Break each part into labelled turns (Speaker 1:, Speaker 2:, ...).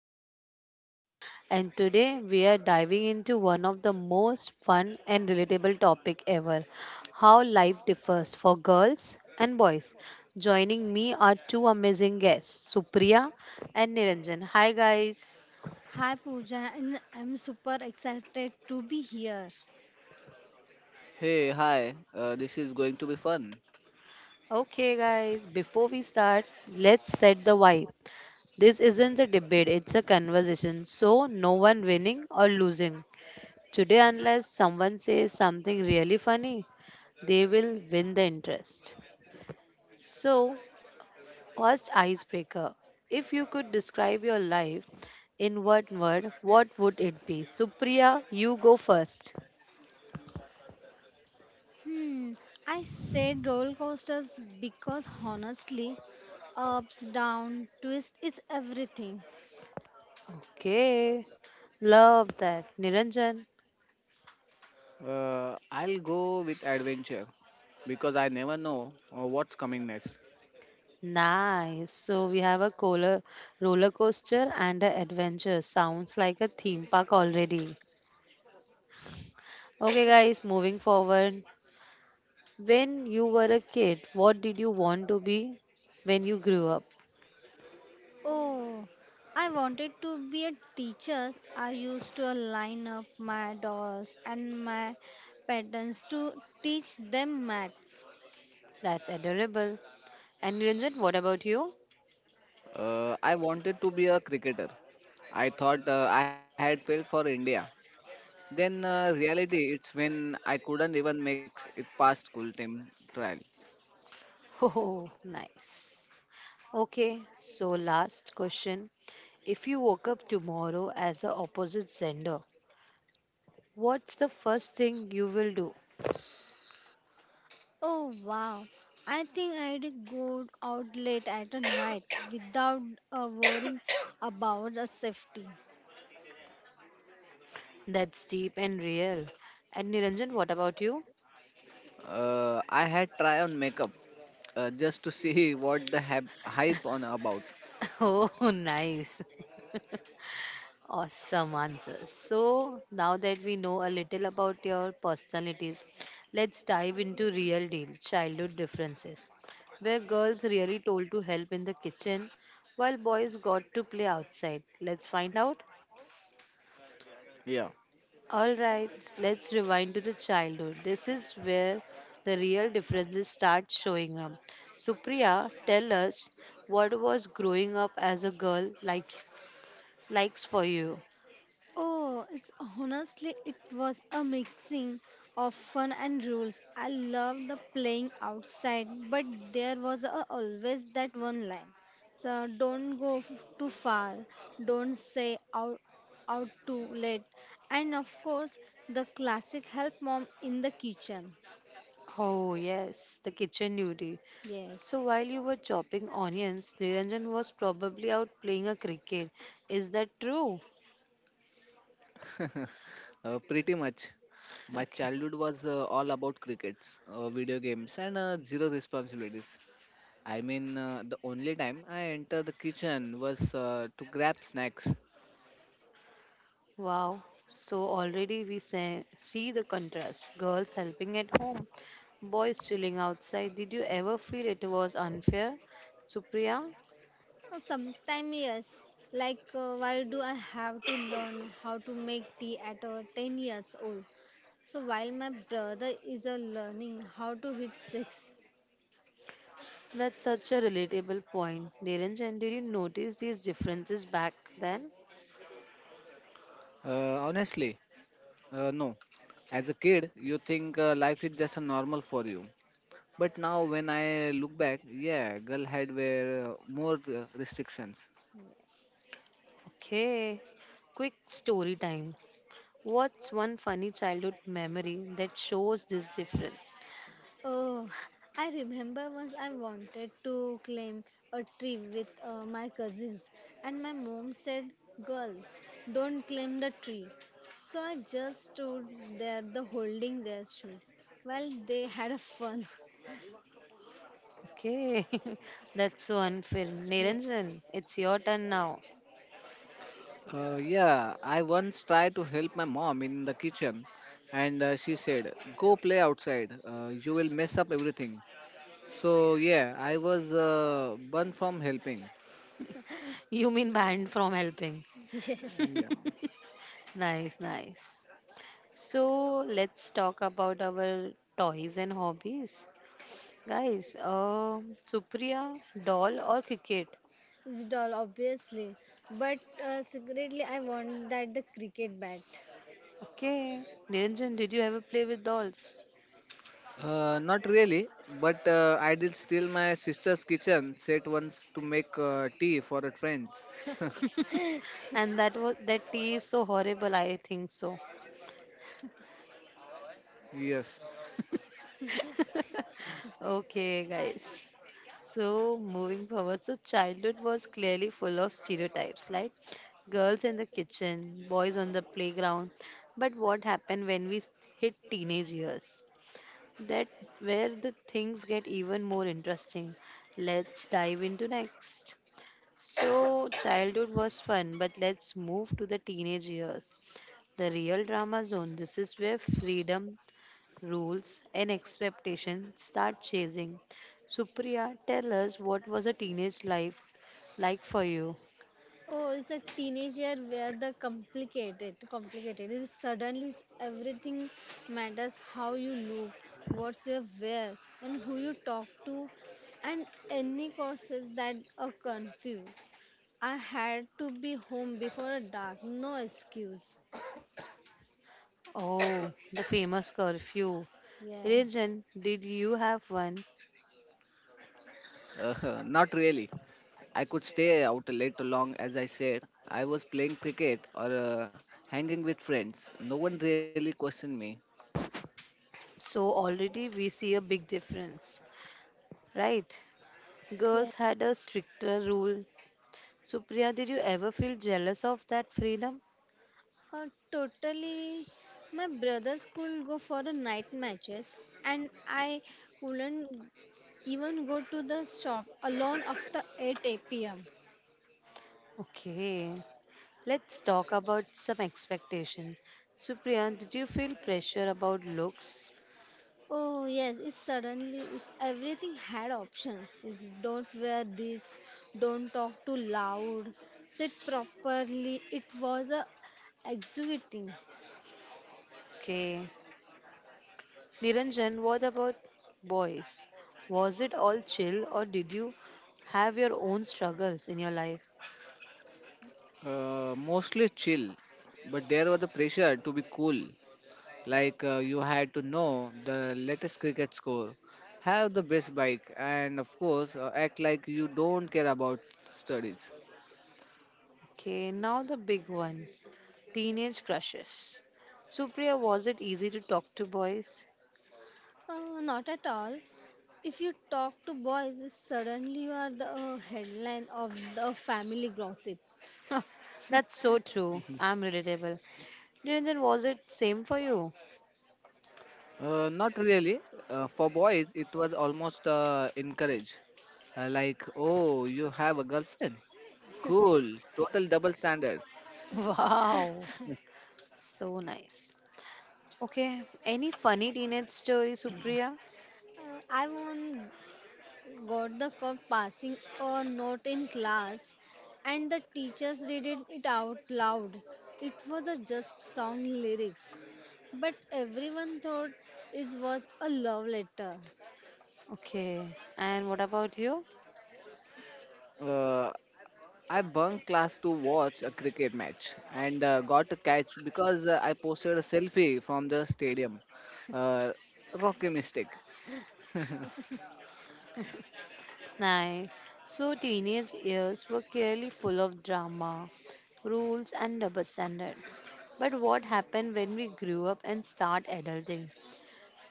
Speaker 1: your host Pooja and today we are diving into one of the most fun and relatable topic ever, how life differs for girls and boys. Joining me are two amazing guests, Supriya and Niranjan. Hi guys.
Speaker 2: Hi Pooja, and I'm super excited to be here.
Speaker 3: Hey, hi. This is going to be fun.
Speaker 1: Okay guys, before we start, let's set the vibe. This isn't a debate, it's a conversation. So no one winning or losing. Today, unless someone says something really funny, they will win the interest. So, first icebreaker. If you could describe your life in one word, what would it be? Supriya, you go first.
Speaker 2: Hmm, I said roller coasters because honestly, ups, down, twist is everything.
Speaker 1: Okay. Love that. Niranjan,
Speaker 3: I'll go with adventure because I never know what's coming next.
Speaker 1: nice. So we have a cola, roller coaster and an adventure. Sounds like a theme park already. Okay, guys, moving forward. When you were a kid, what did you want to be when you grew up?
Speaker 2: Oh, I wanted to be a teacher. I used to line up my dolls and my patterns to teach them maths.
Speaker 1: That's adorable. And Ranjan, what about you?
Speaker 3: I wanted to be a cricketer. I thought I had failed for India. Then reality, it's when I couldn't even make it past school team trial.
Speaker 1: Oh, nice. Okay, so last question. If you woke up tomorrow as the opposite sender, what's the first thing you will do?
Speaker 2: Oh wow. I think I'd go out late at a night without worrying about the safety.
Speaker 1: That's deep and real. And Niranjan, what about you?
Speaker 3: I had try on makeup just to see what the hype on about.
Speaker 1: Oh, nice. Awesome answers. So, now that we know a little about your personalities, let's dive into real deal childhood differences, where girls really told to help in the kitchen while boys got to play outside. Let's find out.
Speaker 3: Yeah,
Speaker 1: All right, let's rewind to the childhood. This is where the real differences start showing up. Supriya, tell us what was growing up as a girl likes for you.
Speaker 2: Oh, it's honestly, it was a mixing of fun and rules. I loved the playing outside, but there was a, always that one line. So don't go too far, don't say out, out too late. And of course, the classic help mom in the kitchen.
Speaker 1: Oh yes, the kitchen duty.
Speaker 2: Yes.
Speaker 1: So while you were chopping onions, Niranjan was probably out playing a cricket. Is that true?
Speaker 3: uh, pretty much. My
Speaker 1: Okay.
Speaker 3: childhood was all about crickets, video games, and zero responsibilities. I mean, the only time I entered the kitchen was to grab snacks.
Speaker 1: Wow. So already we see the contrast. Girls helping at home, boys chilling outside. Did you ever feel it was unfair? Supriya,
Speaker 2: Sometimes, yes. Like, why do I have to learn how to make tea at 10 years old? So while my brother is learning how to hit six,
Speaker 1: that's such a relatable point. Niranjan, did you notice these differences back then?
Speaker 3: Honestly, no. As a kid, you think life is just a normal for you. But now, when I look back, yeah, girl had were more restrictions.
Speaker 1: Okay. Quick story time. What's one funny childhood memory that shows this difference?
Speaker 2: oh, I remember once I wanted to climb a tree with my cousins, and my mom said, "Girls, don't climb the tree." So I just stood there, the holding their shoes while they had a fun.
Speaker 1: Okay, that's so unfair.
Speaker 2: Yeah.
Speaker 1: Niranjan, it's your turn now.
Speaker 3: Yeah, I once tried to help my mom in the kitchen, and she said, "Go play outside. You will mess up everything." So yeah, I was banned from helping.
Speaker 1: You mean banned from helping.
Speaker 2: Yeah,
Speaker 3: Yeah.
Speaker 1: Nice, nice. So let's talk about our toys and hobbies. Guys, Supriya, doll or cricket?
Speaker 2: it's doll, obviously. But secretly, I want that the cricket bat.
Speaker 1: Okay. Niranjan, did you ever play with dolls?
Speaker 3: Not really, but I did steal my sister's kitchen set once to make tea for her friends.
Speaker 1: And that was that tea is so horrible, I think so.
Speaker 3: Yes.
Speaker 1: Okay, guys. So moving forward, so childhood was clearly full of stereotypes, like girls in the kitchen, boys on the playground. But what happened when we hit teenage years? That where the things get even more interesting. Let's dive into next. So childhood was fun, but let's move to the teenage years. The real drama zone. This is where freedom rules, and expectations start chasing. Supriya, tell us what was a teenage life like for you?
Speaker 2: Oh, it's a teenage year where the complicated, complicated is suddenly it's everything matters. How you look, what's your wear, and who you talk to, and any causes that are confused. I had to be home before dark. No excuse.
Speaker 1: Oh, the famous curfew.
Speaker 2: Yes.
Speaker 1: Religion, did you have one?
Speaker 3: Not really. I could stay out late long, as I said. I was playing cricket or hanging with friends. No one really questioned me.
Speaker 1: So already we see a big difference, right?
Speaker 2: Yes.
Speaker 1: Girls had a stricter rule. Supriya, did you ever feel jealous of that freedom?
Speaker 2: Totally. My brother school go for the night matches, and I wouldn't even go to the shop alone after 8 p.m.
Speaker 1: Okay, let's talk about some expectation. Supriya, did you feel pressure about looks?
Speaker 2: Oh yes, it's suddenly it's everything had options. It's don't wear this, don't talk too loud, sit properly. It was a exhibiting.
Speaker 1: Okay, Niranjan, what about boys? Was it all chill or did you have your own struggles in your life?
Speaker 3: Mostly chill, but there was a pressure to be cool. Like you had to know the latest cricket score, have the best bike, and of course, act like you don't care about studies.
Speaker 1: Okay, now the big one teenage crushes. Supriya, was it easy to talk to boys?
Speaker 2: Not at all. If you talk to boys, it's suddenly you are the headline of the family gossip.
Speaker 1: That's so true. I'm relatable. Niranjan, was it same for you?
Speaker 3: Not really. For boys, it was almost encouraged. Like, oh, you have a girlfriend? Cool. Total double standard.
Speaker 1: Wow, so nice. Okay, any funny teenage story, Supriya?
Speaker 2: I won got the cup passing a note in class, and the teachers read it, it out loud. It was a just song lyrics, but everyone thought it was a love letter.
Speaker 1: Okay, and what about you?
Speaker 3: Uh, I bunked class to watch a cricket match and got a catch because I posted a selfie from the stadium. Uh, rocky mistake.
Speaker 1: Nine. So teenage years were clearly full of drama, rules and double standard. But what happened when we grew up and start adulting?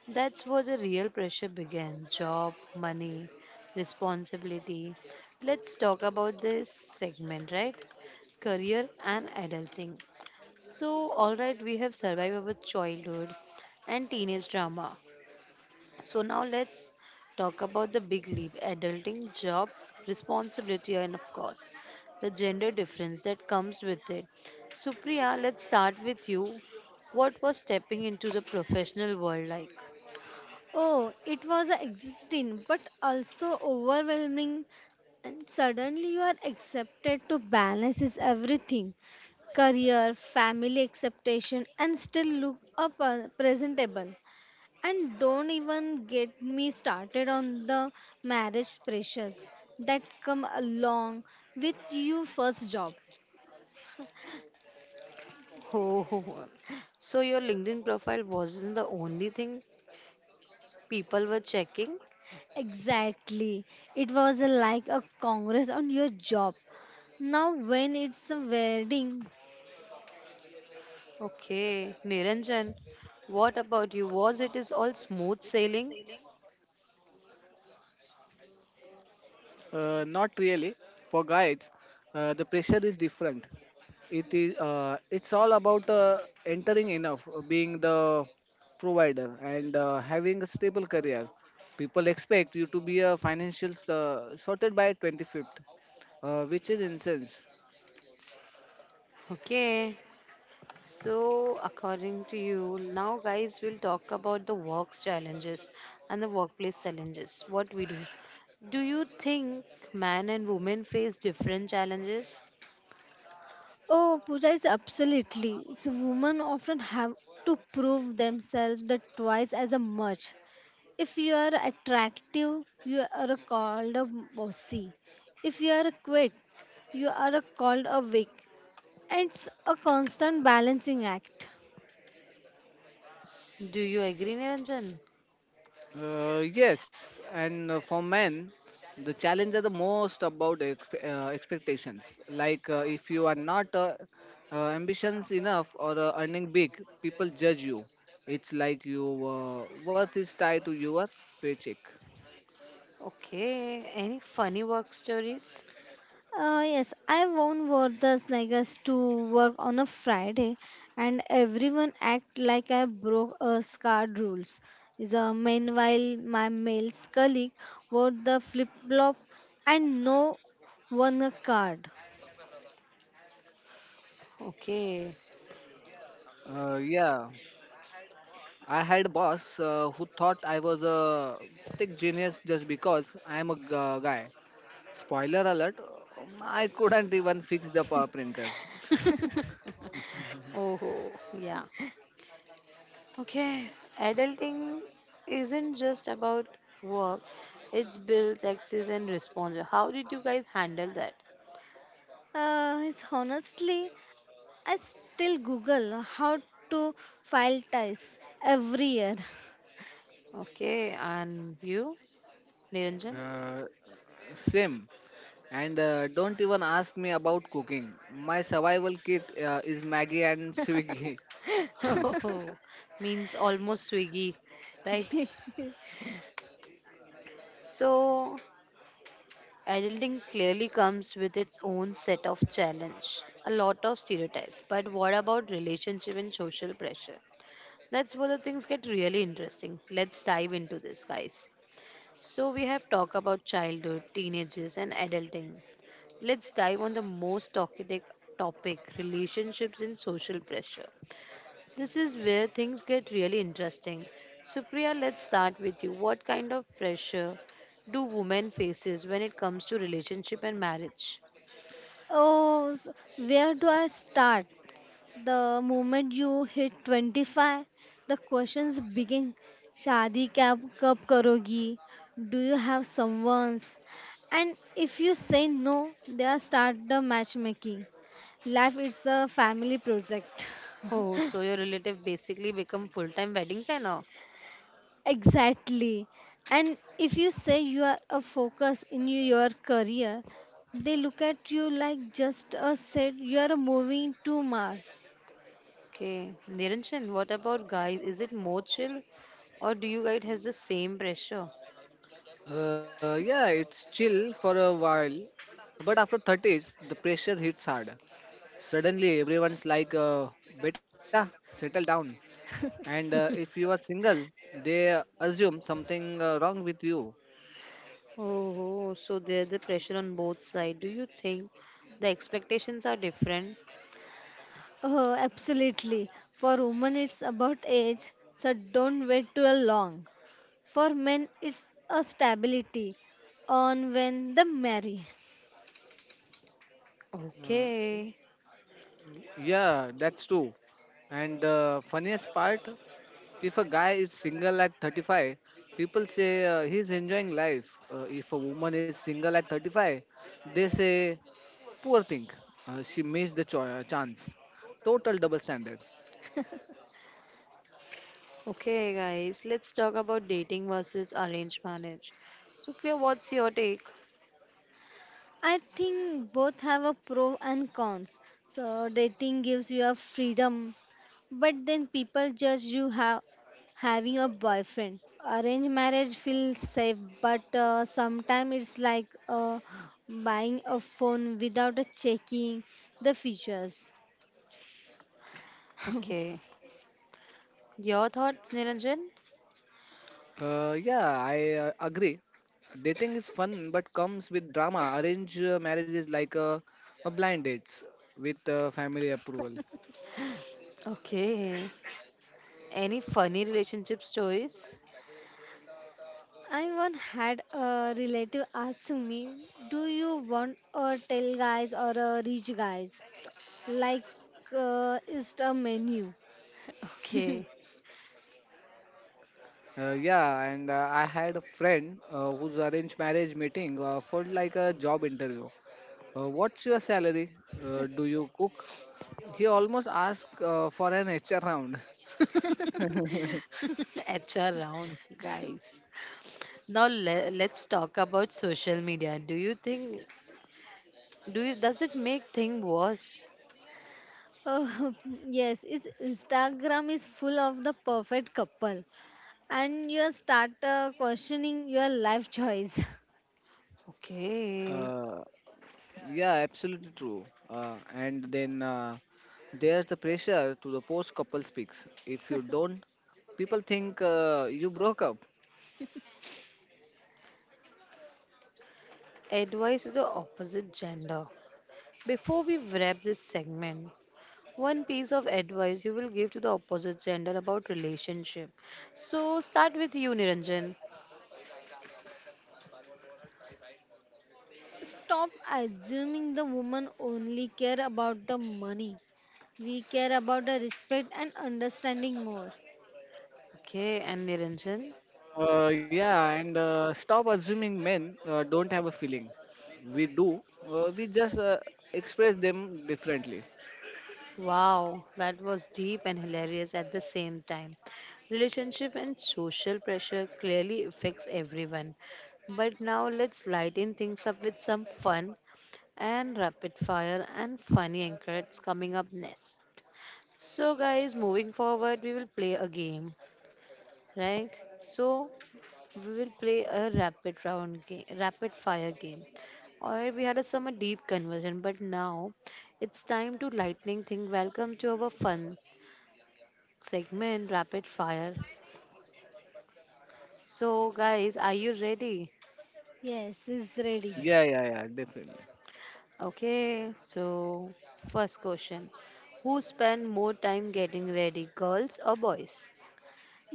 Speaker 1: That's where the real pressure began. Job, money, responsibility. Let's talk about this segment, right? Career and adulting. So, alright, we have survived our childhood and teenage drama. So now let's talk about the big leap adulting, job, responsibility, and of course, the gender difference that comes with it. Supriya, let's start with you. What was stepping into the professional world like?
Speaker 2: Oh, it was a existing but also overwhelming, and suddenly you are accepted to balance is everything career, family acceptation, and still look up presentable. And don't even get me started on the marriage pressures that come along with your first job.
Speaker 1: Oh, so your LinkedIn profile wasn't the only thing people were checking?
Speaker 2: Exactly. It was like a congress on your job. Now, when it's a wedding,
Speaker 1: Okay, Niranjan, what about you? Was it is all smooth sailing?
Speaker 3: Not really. For guys, the pressure is different. It is. It's all about entering enough, being the provider, and having a stable career. People expect you to be a financial sorted by 25th. Which is incense.
Speaker 1: Okay, so, according to you, now guys, we'll talk about the work's challenges and the workplace challenges. What we do. Do you think men and women face different challenges?
Speaker 2: oh, Pooja is absolutely. So, women often have to prove themselves the twice as a much. If you are attractive, you are called a bossy. If you are quiet, you are called a weak. It's a constant balancing act.
Speaker 1: Do you agree, Niranjan?
Speaker 3: Yes, and for men, the challenge are the most about expectations. Like if you are not ambitions enough or earning big, people judge you. It's like your worth is tied to your paycheck.
Speaker 1: Okay. Any funny work stories?
Speaker 2: Yes, I won wore the sneakers to work on a Friday, and everyone act like I broke a scarred rules. The meanwhile, my male colleague wore the flip flop, and no one a card.
Speaker 1: Okay.
Speaker 3: Yeah, I had a boss who thought I was a tech genius just because I am a guy. Spoiler alert, I couldn't even fix the power printer. Mhm.
Speaker 1: Oh, yeah. Okay. Adulting isn't just about work, it's bills, taxes, and responsibility. How did you guys handle that?
Speaker 2: It's honestly I still Google how to file tax every year.
Speaker 1: Okay. And you, Niranjan?
Speaker 3: Uh, same. And don't even ask me about cooking. My survival kit is Maggie and Swiggy.
Speaker 1: Oh, means almost swiggy, right? So, adulting clearly comes with its own set of challenge, a lot of stereotypes. But what about relationship and social pressure? That's where the things get really interesting. Let's dive into this, guys. So, we have talked about childhood, teenagers, and adulting. Let's dive on the most talkative topic relationships and social pressure. This is where things get really interesting. Supriya, let's start with you. What kind of pressure do women faces when it comes to relationship and marriage?
Speaker 2: Oh, where do I start? The moment you hit 25, the questions begin. Shadi kab kab karogi? Do you have someone's? And if you say no, they are start the matchmaking. Life is a family project.
Speaker 1: Oh, so your relative basically become full-time wedding planner.
Speaker 2: Exactly. And if you say you are a focus in your career, they look at you like just a said you are moving to Mars.
Speaker 1: Okay, Niranjan, what about guys? Is it more chill, or do you guys has the same pressure?
Speaker 3: Yeah, it's chill for a while, but after 30s, the pressure hits hard. Suddenly, everyone's like, Beta, settle down. And if you are single, they assume something wrong with you.
Speaker 1: Oh, so there's the pressure on both sides. Do you think the expectations are different?
Speaker 2: Oh, absolutely. For women, it's about age, so don't wait too long. For men, it's a stability on when they marry.
Speaker 3: Uh,
Speaker 1: Okay.
Speaker 3: yeah, that's true. And the funniest part if a guy is single at 35, people say he's enjoying life. If a woman is single at 35, they say poor thing. She missed the chance. Total double standard.
Speaker 1: Okay, guys, let's talk about dating versus arranged marriage. So, Priya, what's your take?
Speaker 2: I think both have a pro and cons. So dating gives you a freedom, but then people judge you have having a boyfriend. Arranged marriage feels safe, but sometimes it's like buying a phone without a checking the features.
Speaker 1: Okay. Your thoughts, Niranjan?
Speaker 3: Yeah, I agree. Dating is fun but comes with drama. Arrange marriage is like a blind dates with family approval.
Speaker 1: Okay. Any funny relationship stories?
Speaker 2: I once had a relative ask me, "Do you want a tail guys or a rich guys?" Like, it's a menu.
Speaker 1: Okay.
Speaker 3: Yeah, and I had a friend whose arranged marriage meeting felt like a job interview. What's your salary? Do you cook? He almost asked for an HR round.
Speaker 1: HR round, guys. Now let's talk about social media. Do you think do you Does it make thing worse?
Speaker 2: Oh, yes, it's, Instagram is full of the perfect couple, and you start questioning your life choice.
Speaker 1: Okay.
Speaker 3: Uh, yeah, absolutely true. And then there's the pressure to the post couple speaks. If you don't, people think you broke up.
Speaker 1: Advice to the opposite gender. Before we wrap this segment, one piece of advice you will give to the opposite gender about relationship so start with you Niranjan.
Speaker 2: Stop assuming the woman only care about the money. We care about the respect and understanding more.
Speaker 1: Okay and Niranjan
Speaker 3: Yeah, and stop assuming men don't have a feeling. We do. We just express them differently.
Speaker 1: wow that was deep and hilarious at the same time. Relationship and social pressure clearly affects everyone, but now let's lighten things up with some fun and rapid fire and funny anchors coming up next. So guys, moving forward, we will play a game, right? So we will play a rapid round game, rapid fire game. Or we had a summer deep conversion, but now it's time to lightning thing. Welcome to our fun segment, rapid fire. So, guys, are you ready?
Speaker 2: Yes, is ready.
Speaker 3: Yeah, yeah, yeah, definitely.
Speaker 1: Okay, so first question, who spend more time getting ready, girls or boys?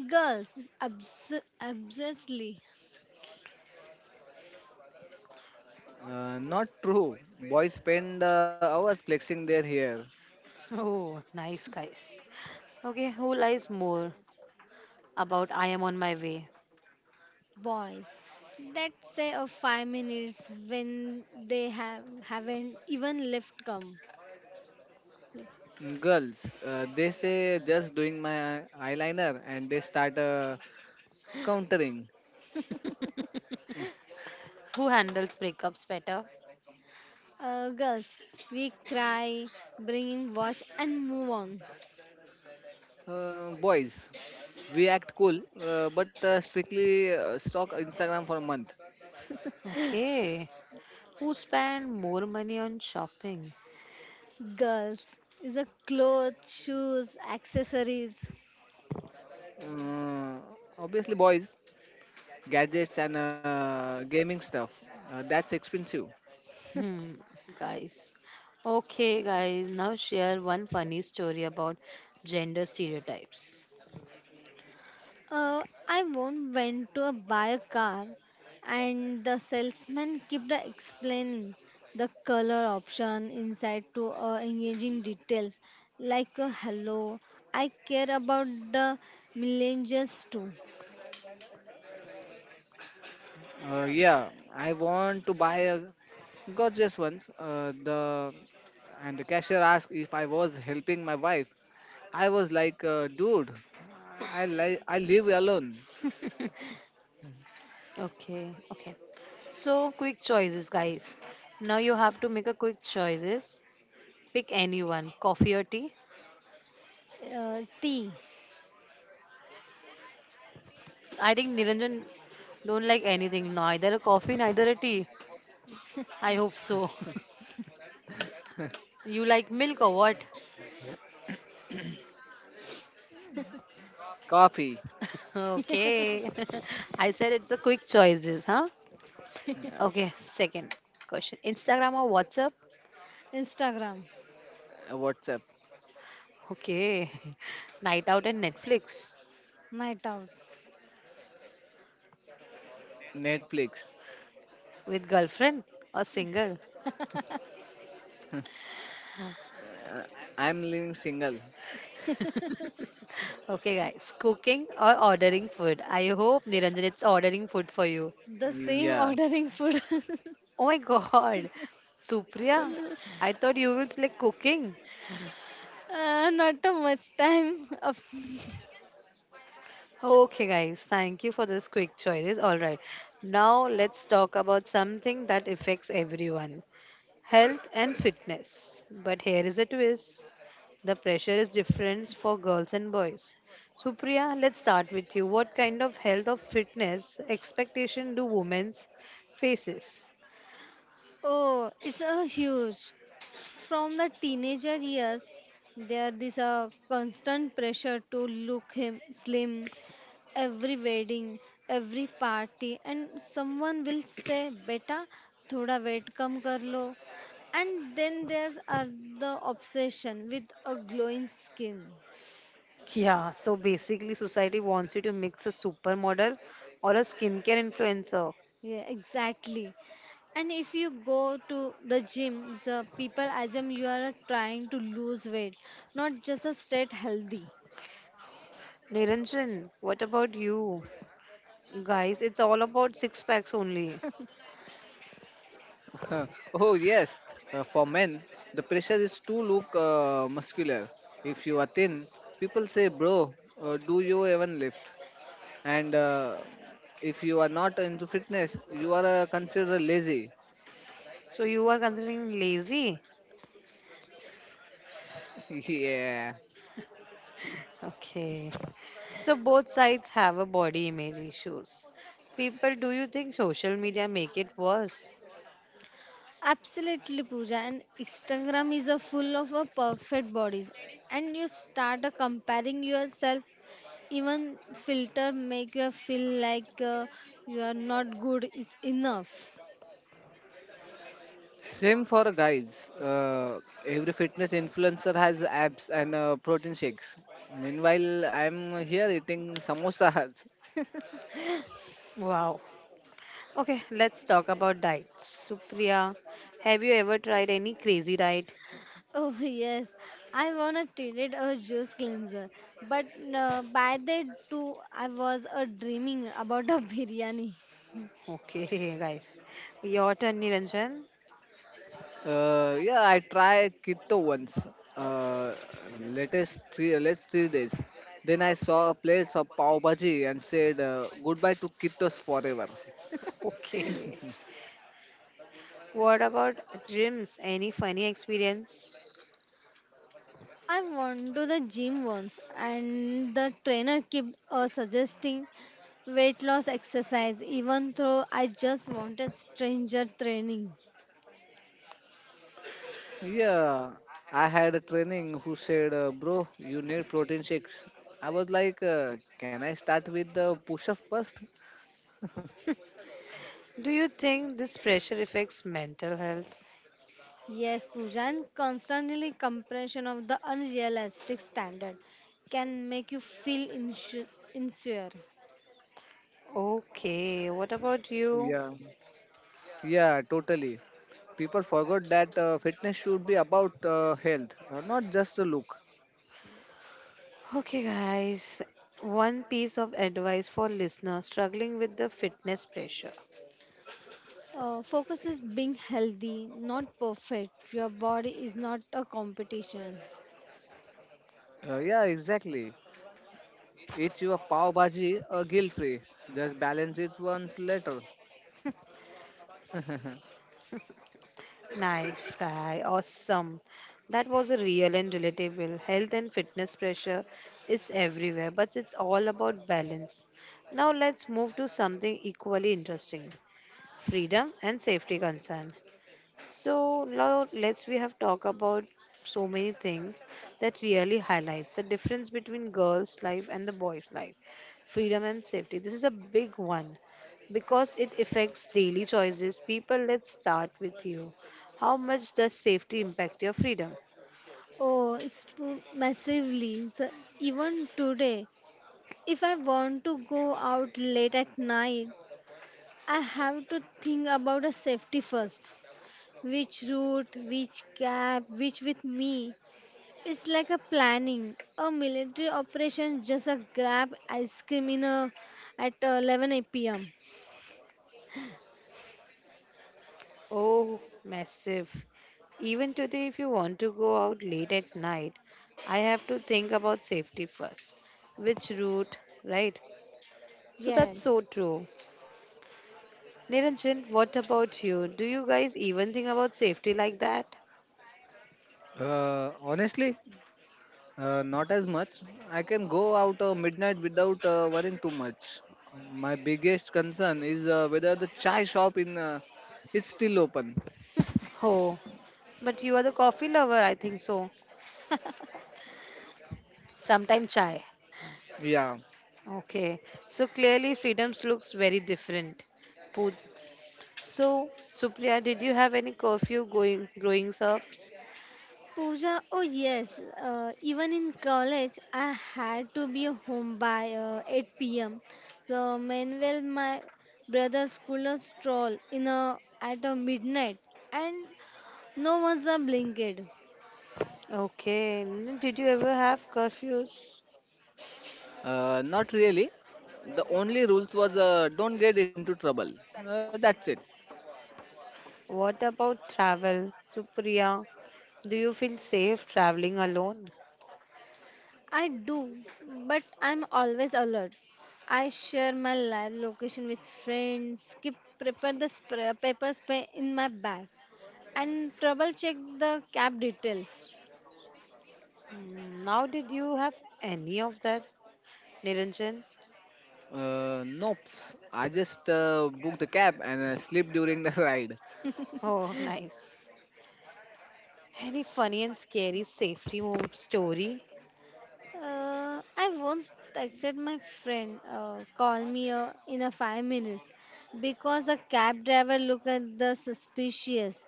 Speaker 2: Girls, is obviously
Speaker 3: Not true. Boys spend hours flexing their hair.
Speaker 1: Oh, nice, guys. Okay, who lies more about I am on my way?
Speaker 2: boys that say of 5 minutes when they have haven't even left come.
Speaker 3: Girls, they say just doing my eyeliner and they start countering. Hmm.
Speaker 1: Who handles breakups better?
Speaker 2: Girls, we cry, bring watch, and move on.
Speaker 3: Boys, we act cool but strictly stalk Instagram for a month.
Speaker 1: Okay, who spend more money on shopping?
Speaker 2: Girls is a clothes, shoes, accessories.
Speaker 3: Uh, obviously, boys, gadgets and gaming stuff that's expensive.
Speaker 1: Hmm, guys. Okay, guys, now share one funny story about gender stereotypes.
Speaker 2: Uh, I once went to a buy a car, and the salesman kept explaining the color option inside to engaging details like hello, I care about the millennials too.
Speaker 3: Yeah, I want to buy a gorgeous one. The and the cashier asked if I was helping my wife. I was like, dude, I I live alone.
Speaker 1: Okay, okay. So, quick choices, guys. Now you have to make a quick choices. Pick anyone, coffee or tea.
Speaker 2: T,
Speaker 1: I think Niranjan don't like anything, neither a coffee, neither a tea. I hope so. You like milk or what?
Speaker 3: Coffee,
Speaker 1: Okay. I said it's a quick choices, huh?
Speaker 3: uh,
Speaker 1: Okay, second question. Instagram or WhatsApp?
Speaker 2: Instagram,
Speaker 3: WhatsApp,
Speaker 1: Okay. Night out and Netflix
Speaker 2: night out,
Speaker 3: Netflix.
Speaker 1: with girlfriend or single?
Speaker 3: Uh, I'm living single.
Speaker 1: Okay, guys. Cooking or ordering food? I hope Niranjan it's ordering food for you.
Speaker 2: the same
Speaker 3: Yeah.
Speaker 2: ordering food.
Speaker 1: Oh my god. Supriya, I thought you would like cooking.
Speaker 2: Not too much time.
Speaker 1: Okay, guys. Thank you for this quick choices. All right. Now let's talk about something that affects everyone. Health and fitness. But here is a twist. The pressure is different for girls and boys. Supriya, let's start with you. What kind of health or fitness expectation do women's faces?
Speaker 2: Oh, it's a huge. From the teenager years, there is a constant pressure to look him slim. Every wedding, every party, and someone will say, "Beta, thoda weight kam kar lo." And then there's are the obsession with a glowing skin.
Speaker 1: Yeah, so basically society wants you to mix a supermodel or a skincare influencer.
Speaker 2: Yeah, exactly. And if you go to the gym, the people assume you are trying to lose weight, not just a stay healthy.
Speaker 1: Niranjan, what about you? Guys, it's all about six packs only.
Speaker 3: Oh yes. For men, the pressure is to look muscular. If you are thin, people say, bro, do you even lift? And if you are not into fitness you are considered lazy.
Speaker 1: So you are considering lazy?
Speaker 3: Yeah,
Speaker 1: Okay. So both sides have a body image issues. People, do you think social media make it worse?
Speaker 2: Absolutely, Pooja. And Instagram is a full of a perfect bodies, and you start a comparing yourself. Even filter make you feel like you are not good is enough.
Speaker 3: same for guys. Every fitness influencer has abs and protein shakes. Meanwhile, I'm here eating samosas.
Speaker 1: Wow. Okay, let's talk about diets. Supriya, have you ever tried any crazy diet?
Speaker 2: Oh yes, I wanna treat a juice cleanser, but by that too, I was dreaming about a biryani.
Speaker 1: Okay, guys. Your turn, Niranjan.
Speaker 3: Yeah, I tried keto once. Uh, latest three let's 3 days, then I saw a place of pav bhaji and said goodbye to ketos forever.
Speaker 1: Okay. What about gyms? Any funny experience?
Speaker 2: I went to the gym once, and the trainer kept suggesting weight loss exercise, even though I just wanted stranger training.
Speaker 3: Yeah, I had a training who said, "Bro, you need protein shakes." I was like, "Can I start with the push-up first?
Speaker 1: Do you think this pressure affects mental health?
Speaker 2: Yes, Pooja, and constantly compression of the unrealistic standard can make you feel insecure.
Speaker 1: Okay, what about you?
Speaker 3: Yeah, yeah, totally. People forgot that fitness should be about health, not just a look.
Speaker 1: Okay, guys. One piece of advice for listeners struggling with the fitness pressure.
Speaker 2: Focus is being healthy, not perfect. Your body is not a competition.
Speaker 3: Yeah, exactly. Eat your pav bhaji guilt-free. Just balance it once later.
Speaker 1: Nice guy, awesome. That was a real and relatable. Health and fitness pressure is everywhere, but it's all about balance. Now let's move to something equally interesting freedom and safety concern. So now let's we have talked about so many things that really highlights the difference between girls' life and the boys' life. Freedom and safety. This is a big one because it affects daily choices. People, let's start with you. How much does safety impact your freedom?
Speaker 2: Oh, it's massively. So even today, if I want to go out late at night, I have to think about a safety first. Which route, which cab, which with me. It's like a planning. A military operation, just a grab ice cream in a, at 11 p.m.
Speaker 1: Oh, massive. Even today, if you want to go out late at night, I have to think about safety first. Which route, right? So that's so
Speaker 2: Yes.
Speaker 1: true. Niranjan, what about you? Do you guys even think about safety like that?
Speaker 3: Honestly, not as much. I can go out midnight without worrying too much. My biggest concern is whether the chai shop in is still open.
Speaker 1: Oh, but you are the coffee lover, I think so. Sometimes chai.
Speaker 3: Yeah,
Speaker 1: Okay, so clearly freedoms looks very different. Put so Supriya, did you have any curfew going growing ups?
Speaker 2: Pooja, oh yes, even in college, I had to be home by 8 p.m. So, meanwhile, my brother's school a stroll in a, at a midnight, and no one's a blinking.
Speaker 1: Okay, did you ever have curfews?
Speaker 3: not really. The only rules was don't get into trouble. That's it.
Speaker 1: What about travel, Supriya? Do you feel safe traveling alone?
Speaker 2: I do, but I'm always alert. I share my live location with friends, keep prepare the papers in my bag, and trouble check the cab details.
Speaker 1: Mm, now, did you have any of that, Niranjan?
Speaker 3: Nope. I just booked a cab and sleep during the ride.
Speaker 1: Oh, nice. Any funny and scary safety move story?
Speaker 2: I once texted my friend, call me in a 5 minutes, because the cab driver looked at the suspicious.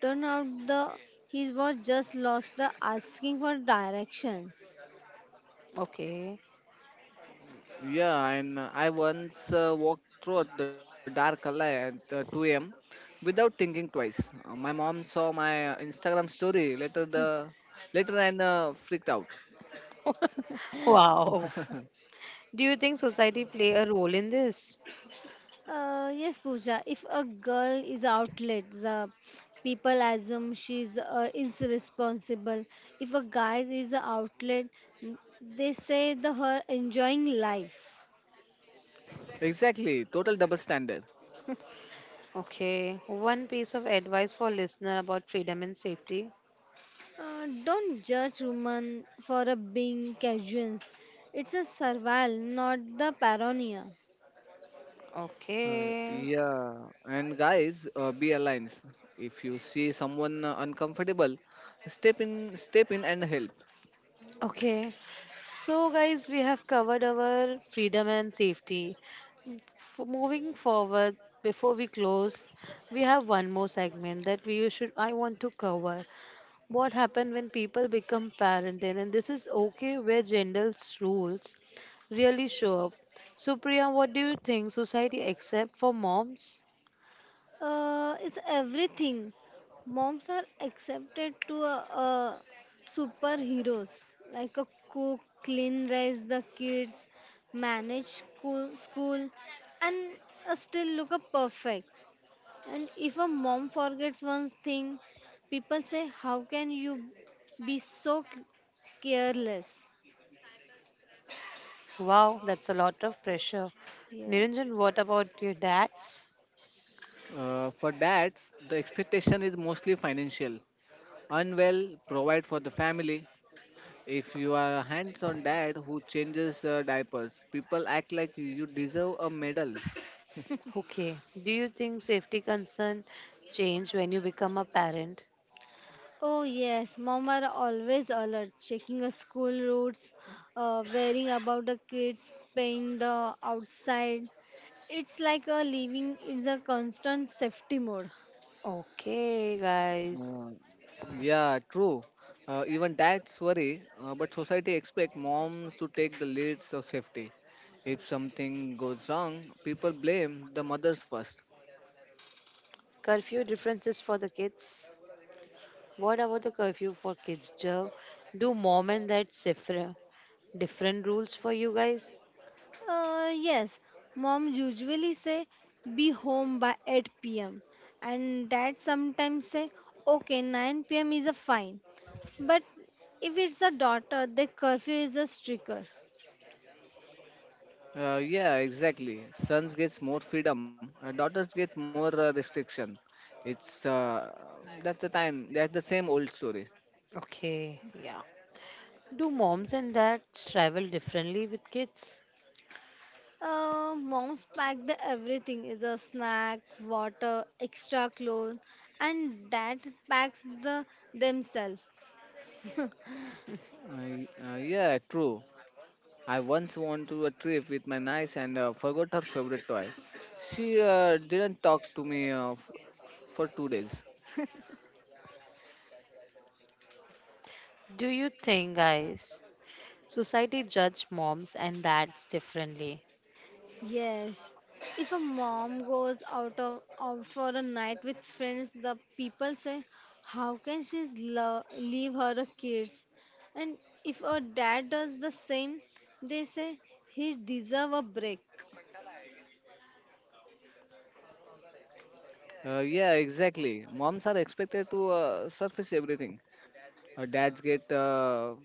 Speaker 2: Turned out the he was just lost asking for directions.
Speaker 1: Okay.
Speaker 3: Yeah, and I once walked through the dark alley at 2 a.m. without thinking twice. My mom saw my Instagram story later the later and freaked out.
Speaker 1: Wow. Do you think society play a role in this?
Speaker 2: Yes, Pooja. If a girl is out late, the people assume she's is responsible. If a guy is out late, they say the her enjoying life.
Speaker 3: Exactly, total double standard.
Speaker 1: Okay. One piece of advice for listener about freedom and safety.
Speaker 2: Don't judge women for a being casuals. It's a survival, not the paranoia.
Speaker 3: Uh,
Speaker 1: Okay.
Speaker 3: yeah, and guys, be aligned. If you see someone uncomfortable, step in, step in and help.
Speaker 1: Okay. So guys, we have covered our freedom and safety. Moving forward, before we close, we have one more segment that we should I want to cover what happens when people become parent then and this is okay where gender's rules really show up. So Priya, what do you think society except for moms?
Speaker 2: It's everything. Moms are accepted to superheroes, like a cook, clean, raise the kids, manage school and still look up perfect. And if a mom forgets one thing, people say, "How can you be so careless?"
Speaker 1: Wow, that's a lot of pressure.
Speaker 2: Yes.
Speaker 1: Niranjan, what about your dads?
Speaker 3: For dads, the expectation is mostly financial. Unwell, provide for the family. If you are a hands-on dad who changes diapers, people act like you deserve a medal.
Speaker 1: Okay, do you think safety concern change when you become a parent?
Speaker 2: Oh, yes. Mom are always alert, checking the school routes, worrying about the kids, paying the outside. It's like a living is a constant safety mode.
Speaker 1: Okay, guys,
Speaker 3: Uh, yeah, true. Even dads worry, but society expect moms to take the leads of safety. If something goes wrong, people blame the mothers first.
Speaker 1: curfew differences for the kids. What about the curfew for kids Joe? Do mom and dad different rules for you guys?
Speaker 2: Yes, mom usually say be home by 8 p.m. and dad sometimes say okay 9 p.m. is a fine. But if it's a daughter, the curfew is a stricter.
Speaker 3: Yeah, exactly. Sons gets more freedom, daughters get more restriction. It's that's the time. That's the same old story.
Speaker 1: Okay, yeah. Do moms and dads travel differently with kids?
Speaker 2: Moms packed the everything the snack, water, extra clothes, and dads packs the themselves.
Speaker 3: Yeah, true. I once went to a trip with my niece and forgot her favorite toy. She didn't talk to me for 2 days.
Speaker 1: Do you think, guys, society judge moms and dads differently?
Speaker 2: yes, if a mom goes out of out for a night with friends, the people say, "How can she leave her kids?" And if a dad does the same, they say he deserve a break.
Speaker 3: Yeah, exactly. Moms are expected to surface everything. Dads get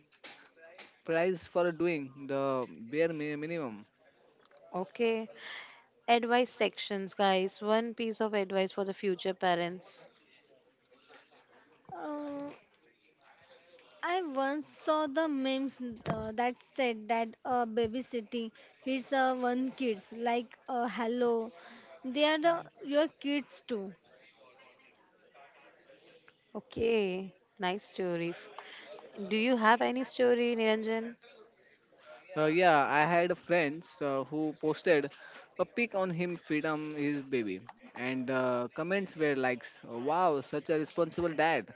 Speaker 3: prize for doing the bare minimum.
Speaker 1: Okay. Advice sections, guys. One piece of advice for the future parents.
Speaker 2: Uh, I once saw the memes that said that babysitting hits one kids like hello, they are the, your kids too.
Speaker 1: Okay. Nice story. Do you have any story, Niranjan?
Speaker 3: Yeah, I had a friend who posted a pic on him feed his baby, and comments were like, "Wow, such a responsible dad."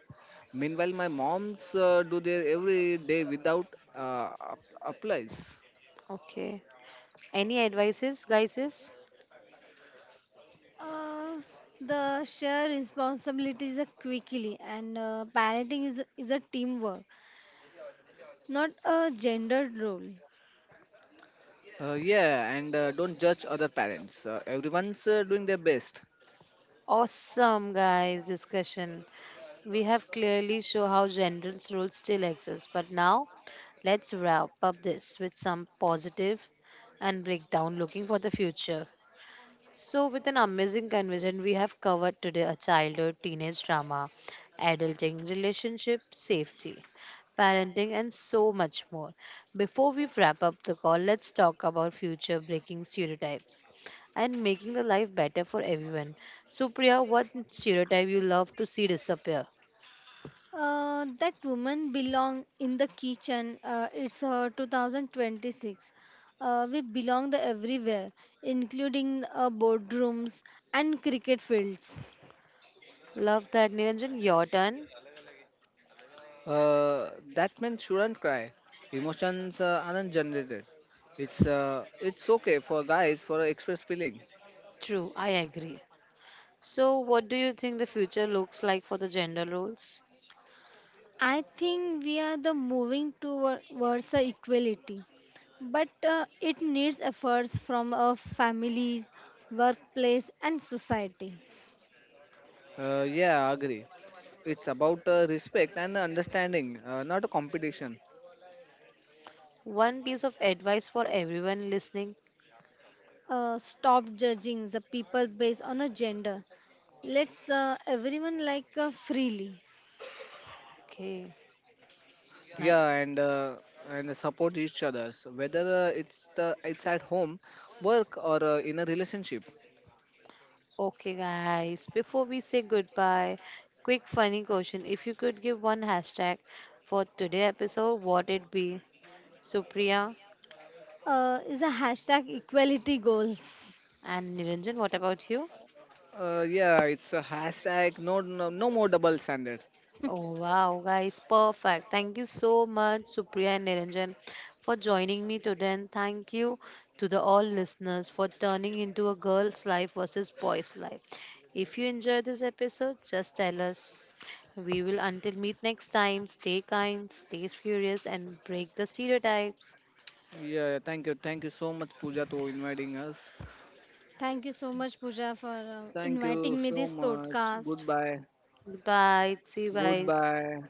Speaker 3: Meanwhile, my moms do their every day without uh, app- applies.
Speaker 1: Okay. Any advices, guys? Is
Speaker 2: Uh, the share responsibilities are quickly and parenting is a teamwork, not a gendered role.
Speaker 3: Yeah, and don't judge other parents. Everyone's doing their best.
Speaker 1: awesome, guys. Discussion. We have clearly shown how general's rules still exist, but now let's wrap up this with some positive and break down looking for the future. So, with an amazing conversation, we have covered today a childhood, teenage drama, adulting, relationship, safety, parenting, and so much more. Before we wrap up the call, let's talk about future breaking stereotypes and making the life better for everyone. So, Priya, what stereotype you love to see disappear?
Speaker 2: That woman belong in the kitchen. It's 2026. We belong the everywhere, including boardrooms and cricket fields.
Speaker 1: Love that, Niranjan. Your turn.
Speaker 3: Uh, that man shouldn't cry. Emotions aren't generated. It's okay for guys for express feeling.
Speaker 1: True, I agree. So, what do you think the future looks like for the gender roles?
Speaker 2: I think we are the towards the equality, but it needs efforts from our families, workplace, and society.
Speaker 3: Yeah, I agree. It's about respect and understanding, not a competition.
Speaker 1: One piece of advice for everyone listening.
Speaker 2: Stop judging the people based on a gender. Let's everyone like freely.
Speaker 1: Okay,
Speaker 3: Yeah,
Speaker 1: nice.
Speaker 3: and support each others whether it's the it's at home work or in a relationship.
Speaker 1: Okay, guys, before we say goodbye, quick funny question. If you could give one hashtag for today episode, what it be? Supriya
Speaker 2: Is a hashtag equality goals.
Speaker 1: and Niranjan, what about you?
Speaker 3: Yeah, it's a hashtag no, no no more double standard.
Speaker 1: Oh wow, guys, perfect. Thank you so much, Supriya and Niranjan, for joining me today. And thank you to the all listeners for turning into a girl's life versus boy's life. If you enjoyed this episode, just tell us. We will until meet next time. Stay kind, stay curious, and break the stereotypes.
Speaker 3: Yeah, thank you, thank you so much Pooja to inviting us.
Speaker 2: Thank you so much, Pooja, for
Speaker 3: Thank you
Speaker 2: inviting me
Speaker 3: so
Speaker 2: this
Speaker 3: much.
Speaker 2: podcast.
Speaker 3: Goodbye,
Speaker 1: Bye. See you guys.
Speaker 3: goodbye.